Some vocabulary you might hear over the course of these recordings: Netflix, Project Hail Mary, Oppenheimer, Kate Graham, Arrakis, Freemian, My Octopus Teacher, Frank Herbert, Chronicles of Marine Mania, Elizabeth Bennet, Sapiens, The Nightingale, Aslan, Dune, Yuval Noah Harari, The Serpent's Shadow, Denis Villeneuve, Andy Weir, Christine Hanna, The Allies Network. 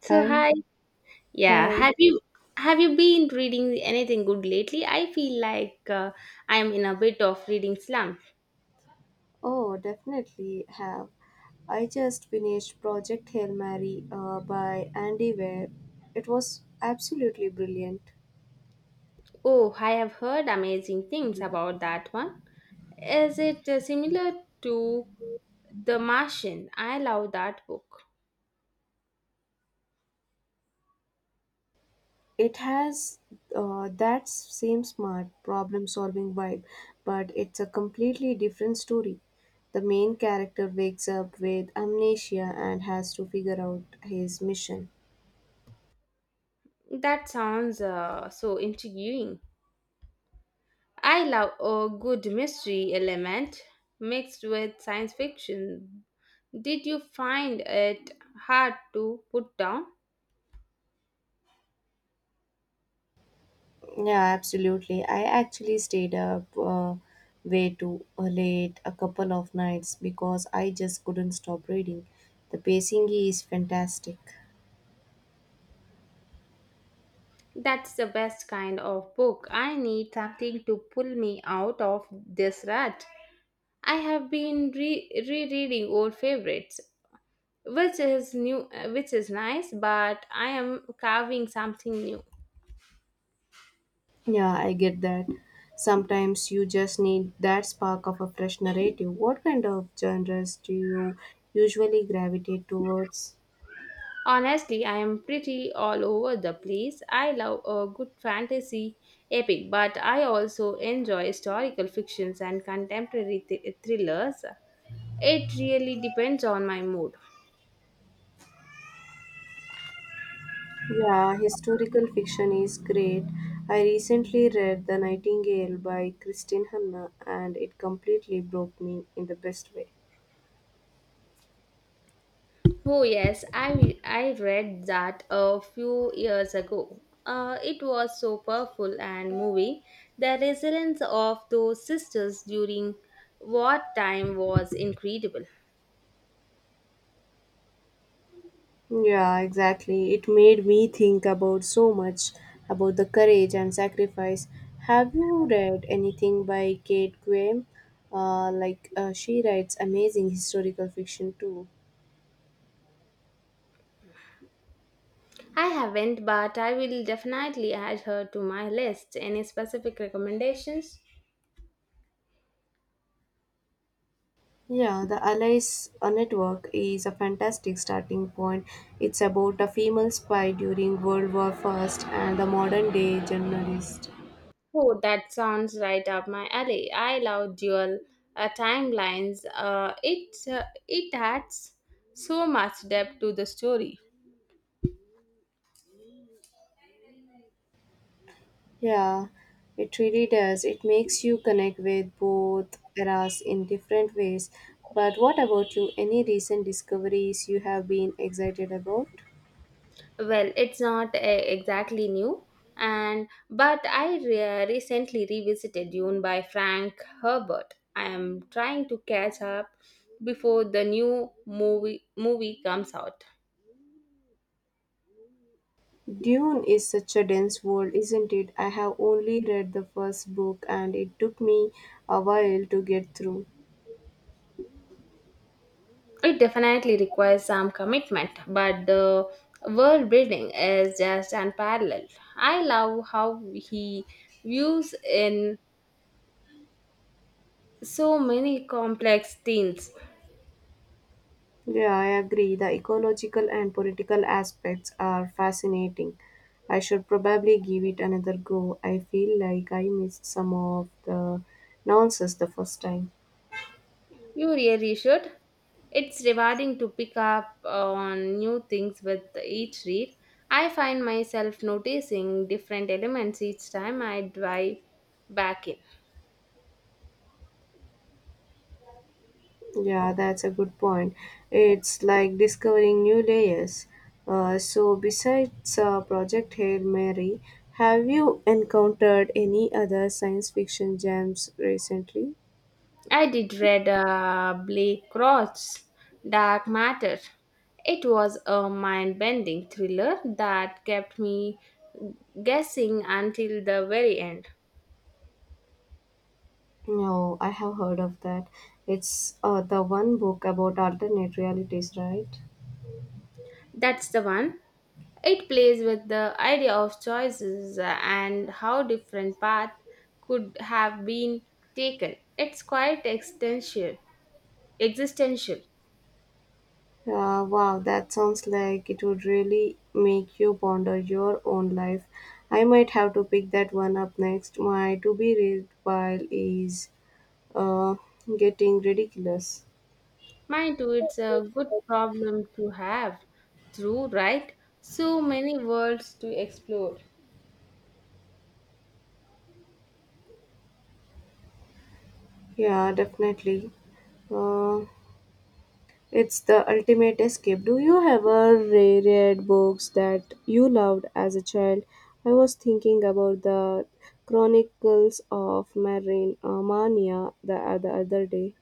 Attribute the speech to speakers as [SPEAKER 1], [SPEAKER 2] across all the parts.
[SPEAKER 1] So
[SPEAKER 2] Hi,
[SPEAKER 1] hi, yeah.
[SPEAKER 2] hi.
[SPEAKER 1] Have you been reading anything good lately? I feel like I'm in a bit of reading slump.
[SPEAKER 2] Oh, definitely have. I just finished Project Hail Mary by Andy Weir. It was absolutely brilliant.
[SPEAKER 1] Oh, I have heard amazing things about that one. Is it similar to The Martian? I love that book.
[SPEAKER 2] It has that same smart problem solving vibe, but it's a completely different story. The main character wakes up with amnesia and has to figure out his mission.
[SPEAKER 1] That sounds so intriguing. I love a good mystery element mixed with science fiction. Did you find it hard to put down?
[SPEAKER 2] Yeah, absolutely. I actually stayed up way too late a couple of nights because I just couldn't stop reading. The pacing is fantastic.
[SPEAKER 1] That's the best kind of book. I need something to pull me out of this rut. I have been rereading old favorites, which is new, which is nice, but I am carving something new.
[SPEAKER 2] Yeah, I get that. Sometimes you just need that spark of a fresh narrative. What kind of genres do you usually gravitate towards?
[SPEAKER 1] Honestly, I am pretty all over the place. I love a good fantasy epic, but I also enjoy historical fictions and contemporary thrillers. It really depends on my mood.
[SPEAKER 2] Yeah, historical fiction is great. I recently read The Nightingale by Christine Hanna and it completely broke me in the best way.
[SPEAKER 1] Oh yes, I read that a few years ago. It was so powerful and moving. The resilience of those sisters during wartime was incredible.
[SPEAKER 2] Yeah, exactly. It made me think about so much about the courage and sacrifice. Have you read anything by Kate Graham? Like, she writes amazing historical fiction too.
[SPEAKER 1] I haven't, but I will definitely add her to my list. Any specific recommendations?
[SPEAKER 2] Yeah, the Allies Network is a fantastic starting point. It's about a female spy during World War First and the modern day journalist.
[SPEAKER 1] Oh, that sounds right up my alley. I love dual timelines. It adds so much depth to the story.
[SPEAKER 2] Yeah, it really does. It makes you connect with both eras in different ways. But what about you? Any recent discoveries you have been excited about?
[SPEAKER 1] Well, it's not exactly new, and but I recently revisited Dune by Frank Herbert. I am trying to catch up before the new movie comes out.
[SPEAKER 2] Dune is such a dense world, isn't it? I have only read the first book and it took me a while to get through.
[SPEAKER 1] It definitely requires some commitment, but the world building is just unparalleled. I love how he views in so many complex themes.
[SPEAKER 2] Yeah, I agree. The ecological and political aspects are fascinating. I should probably give it another go. I feel like I missed some of the nonsense the first time.
[SPEAKER 1] You really should. It's rewarding to pick up on new things with each read. I find myself noticing different elements each time I dive back in.
[SPEAKER 2] Yeah, that's a good point. It's like discovering new layers. So, besides Project Hail Mary, have you encountered any other science fiction gems recently?
[SPEAKER 1] I did read Blake Crouch's Dark Matter. It was a mind bending thriller that kept me guessing until the very end.
[SPEAKER 2] No, I have heard of that. It's, the one book about alternate realities, right?
[SPEAKER 1] That's the one. It plays with the idea of choices and how different paths could have been taken. It's quite existential. Existential.
[SPEAKER 2] Wow, that sounds like it would really make you ponder your own life. I might have to pick that one up next. My to be read pile is uh, getting ridiculous.
[SPEAKER 1] Mind too, it's a good problem to have through, right? So many worlds to explore.
[SPEAKER 2] Yeah, definitely. Uh, it's the ultimate escape. Do you ever read books that you loved as a child? I was thinking about the Chronicles of Marine Mania the other day.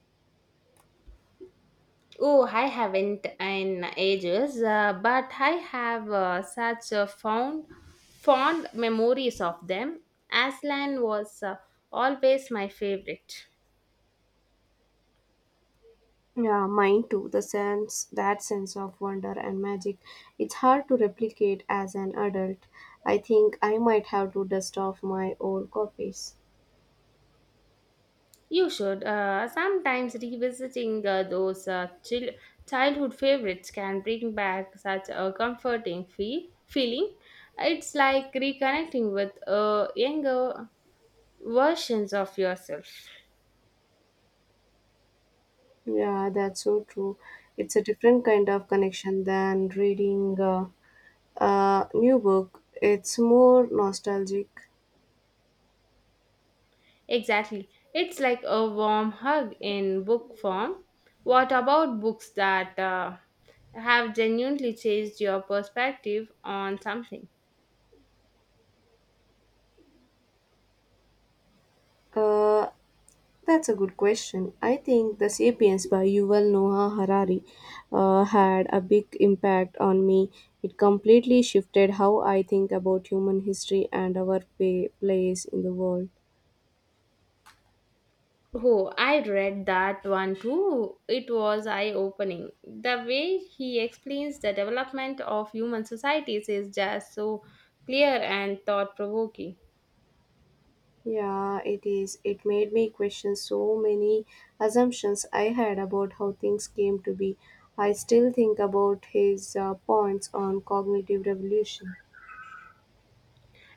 [SPEAKER 1] Oh, I haven't in ages, but I have such a fond, fond memories of them. Aslan was always my favorite.
[SPEAKER 2] Yeah, mine too. That sense of wonder and magic, it's hard to replicate as an adult. I think I might have to dust off my old copies.
[SPEAKER 1] You should. Sometimes revisiting those childhood favorites can bring back such a comforting feeling. It's like reconnecting with younger versions of yourself.
[SPEAKER 2] Yeah, that's so true. It's a different kind of connection than reading a new book. It's more nostalgic.
[SPEAKER 1] Exactly. It's like a warm hug in book form. What about books that have genuinely changed your perspective on something?
[SPEAKER 2] Uh, that's a good question. I think The Sapiens by Yuval Noah Harari had a big impact on me. It completely shifted how I think about human history and our pa place in the world.
[SPEAKER 1] Oh, I read that one too. It was eye opening. The way he explains the development of human societies is just so clear and thought provoking.
[SPEAKER 2] Yeah, it is. It made me question so many assumptions I had about how things came to be. I still think about his points on cognitive revolution.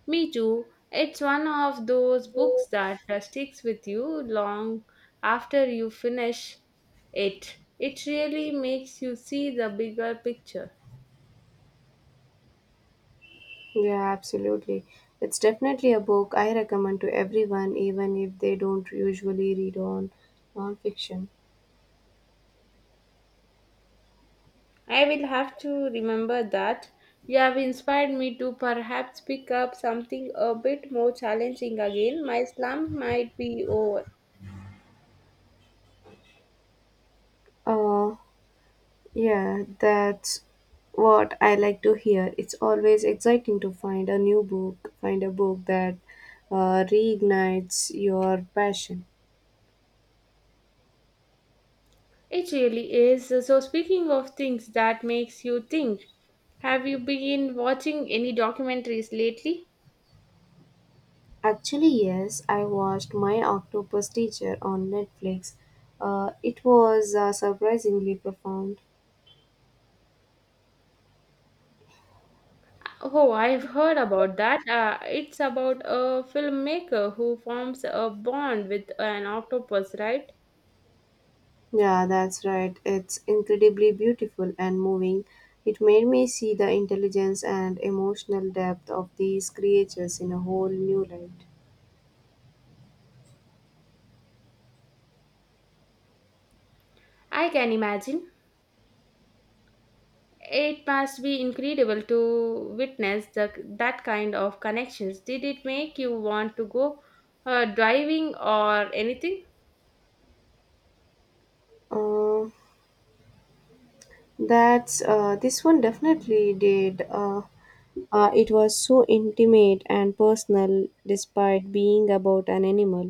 [SPEAKER 1] Me too. It's one of those books that sticks with you long after you finish it. It really makes you see the bigger picture.
[SPEAKER 2] Yeah, absolutely. It's definitely a book I recommend to everyone, even if they don't usually read on nonfiction.
[SPEAKER 1] I will have to remember that. You have inspired me to perhaps pick up something a bit more challenging again. My slump might be over.
[SPEAKER 2] Uh, yeah, that's what I like to hear. It's always exciting to find a new book, find a book that reignites your passion.
[SPEAKER 1] It really is. So speaking of things that makes you think, have you been watching any documentaries lately?
[SPEAKER 2] Actually, yes, I watched My Octopus Teacher on Netflix. It was surprisingly profound.
[SPEAKER 1] Oh, I've heard about that. It's about a filmmaker who forms a bond with an octopus, right?
[SPEAKER 2] Yeah, that's right. It's incredibly beautiful and moving. It made me see the intelligence and emotional depth of these creatures in a whole new light.
[SPEAKER 1] I can imagine. It must be incredible to witness that kind of connections. Did it make you want to go driving or anything?
[SPEAKER 2] Uh, that's, this one definitely did. It was so intimate and personal despite being about an animal.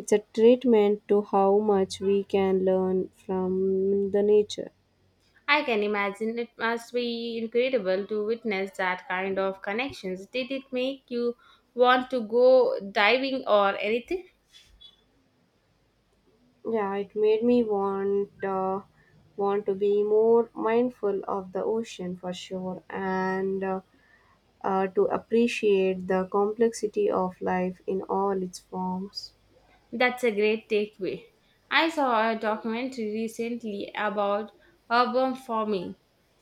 [SPEAKER 2] It's a treatment to how much we can learn from the nature.
[SPEAKER 1] I can imagine it must be incredible to witness that kind of connections. Did it make you want to go diving or anything?
[SPEAKER 2] Yeah, it made me want to be more mindful of the ocean for sure and to appreciate the complexity of life in all its forms.
[SPEAKER 1] That's a great takeaway. I saw a documentary recently about urban farming,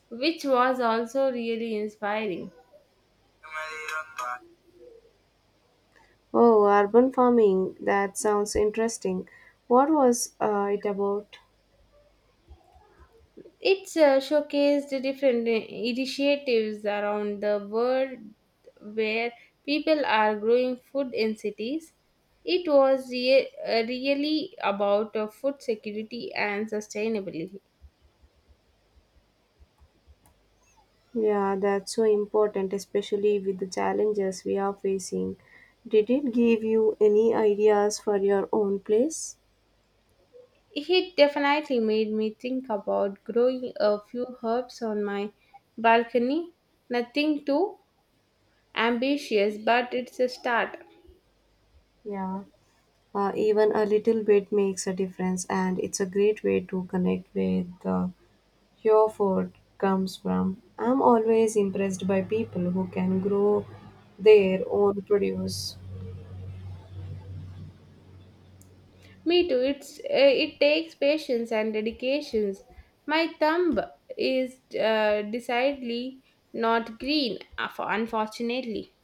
[SPEAKER 1] which was also really inspiring.
[SPEAKER 2] Oh, urban farming, that sounds interesting. What was it about?
[SPEAKER 1] It's showcased the different initiatives around the world where people are growing food in cities. It was really about food security and sustainability.
[SPEAKER 2] Yeah, that's so important, especially with the challenges we are facing. Did it give you any ideas for your own place?
[SPEAKER 1] It definitely made me think about growing a few herbs on my balcony. Nothing too ambitious, but it's a start.
[SPEAKER 2] Yeah, even a little bit makes a difference, and it's a great way to connect with your food comes from. I'm always impressed by people who can grow their own produce.
[SPEAKER 1] Me too. It takes patience and dedications. My thumb is decidedly not green, unfortunately.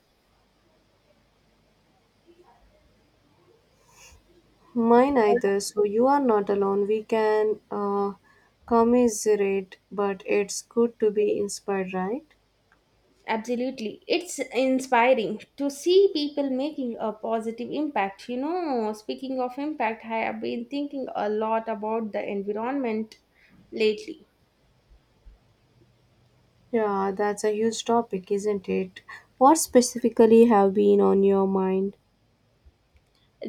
[SPEAKER 2] Mine either. So you are not alone. We can commiserate, but it's good to be inspired, right?
[SPEAKER 1] Absolutely. It's inspiring to see people making a positive impact. You know, speaking of impact, I have been thinking a lot about the environment lately.
[SPEAKER 2] Yeah, that's a huge topic, isn't it? What specifically have been on your mind?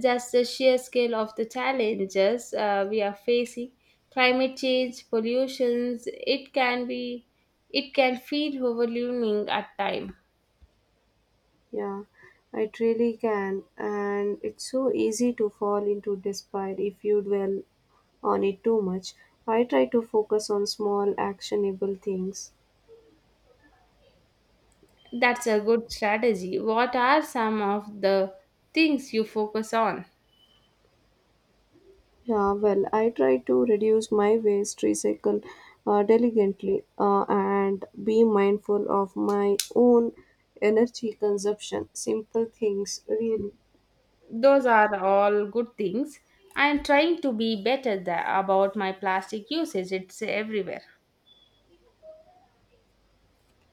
[SPEAKER 1] Just the sheer scale of the challenges we are facing, climate change, pollutions, it can feel overwhelming at times.
[SPEAKER 2] Yeah, it really can, and it's so easy to fall into despair if you dwell on it too much. I try to focus on small, actionable things.
[SPEAKER 1] That's a good strategy. What are some of the things you focus on?
[SPEAKER 2] Yeah, well, I try to reduce my waste, recycle diligently, and be mindful of my own energy consumption. Simple things, really.
[SPEAKER 1] Those are all good things. I'm trying to be better about my plastic usage. It's everywhere.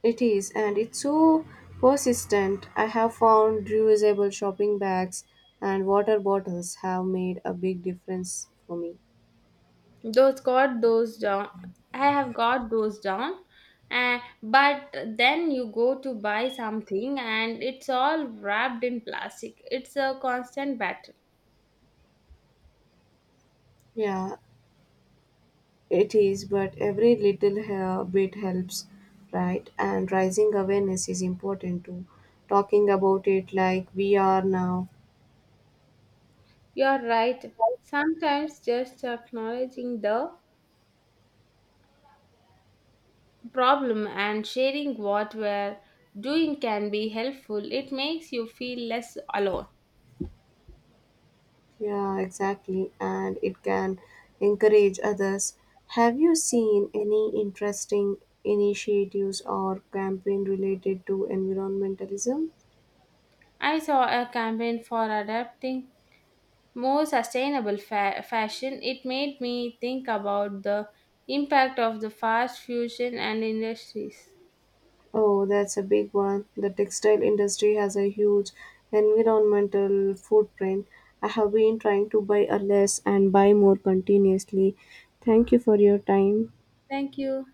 [SPEAKER 2] It is, and it's so persistent. I have found reusable shopping bags and water bottles have made a big difference for me.
[SPEAKER 1] Those got those down I have got those down, and but then you go to buy something and it's all wrapped in plastic. It's a constant battle.
[SPEAKER 2] Yeah, it is, but every little bit helps, right? And rising awareness is important too. Talking about it like we are now.
[SPEAKER 1] You're right. Sometimes just acknowledging the problem and sharing what we're doing can be helpful. It makes you feel less alone.
[SPEAKER 2] Yeah, exactly. And it can encourage others. Have you seen any interesting initiatives or campaign related to environmentalism?
[SPEAKER 1] I saw a campaign for adapting more sustainable fashion. It made me think about the impact of the fast fusion and industries.
[SPEAKER 2] Oh, that's a big one. The textile industry has a huge environmental footprint. I have been trying to buy a less and buy more continuously. Thank you for your time.
[SPEAKER 1] Thank you.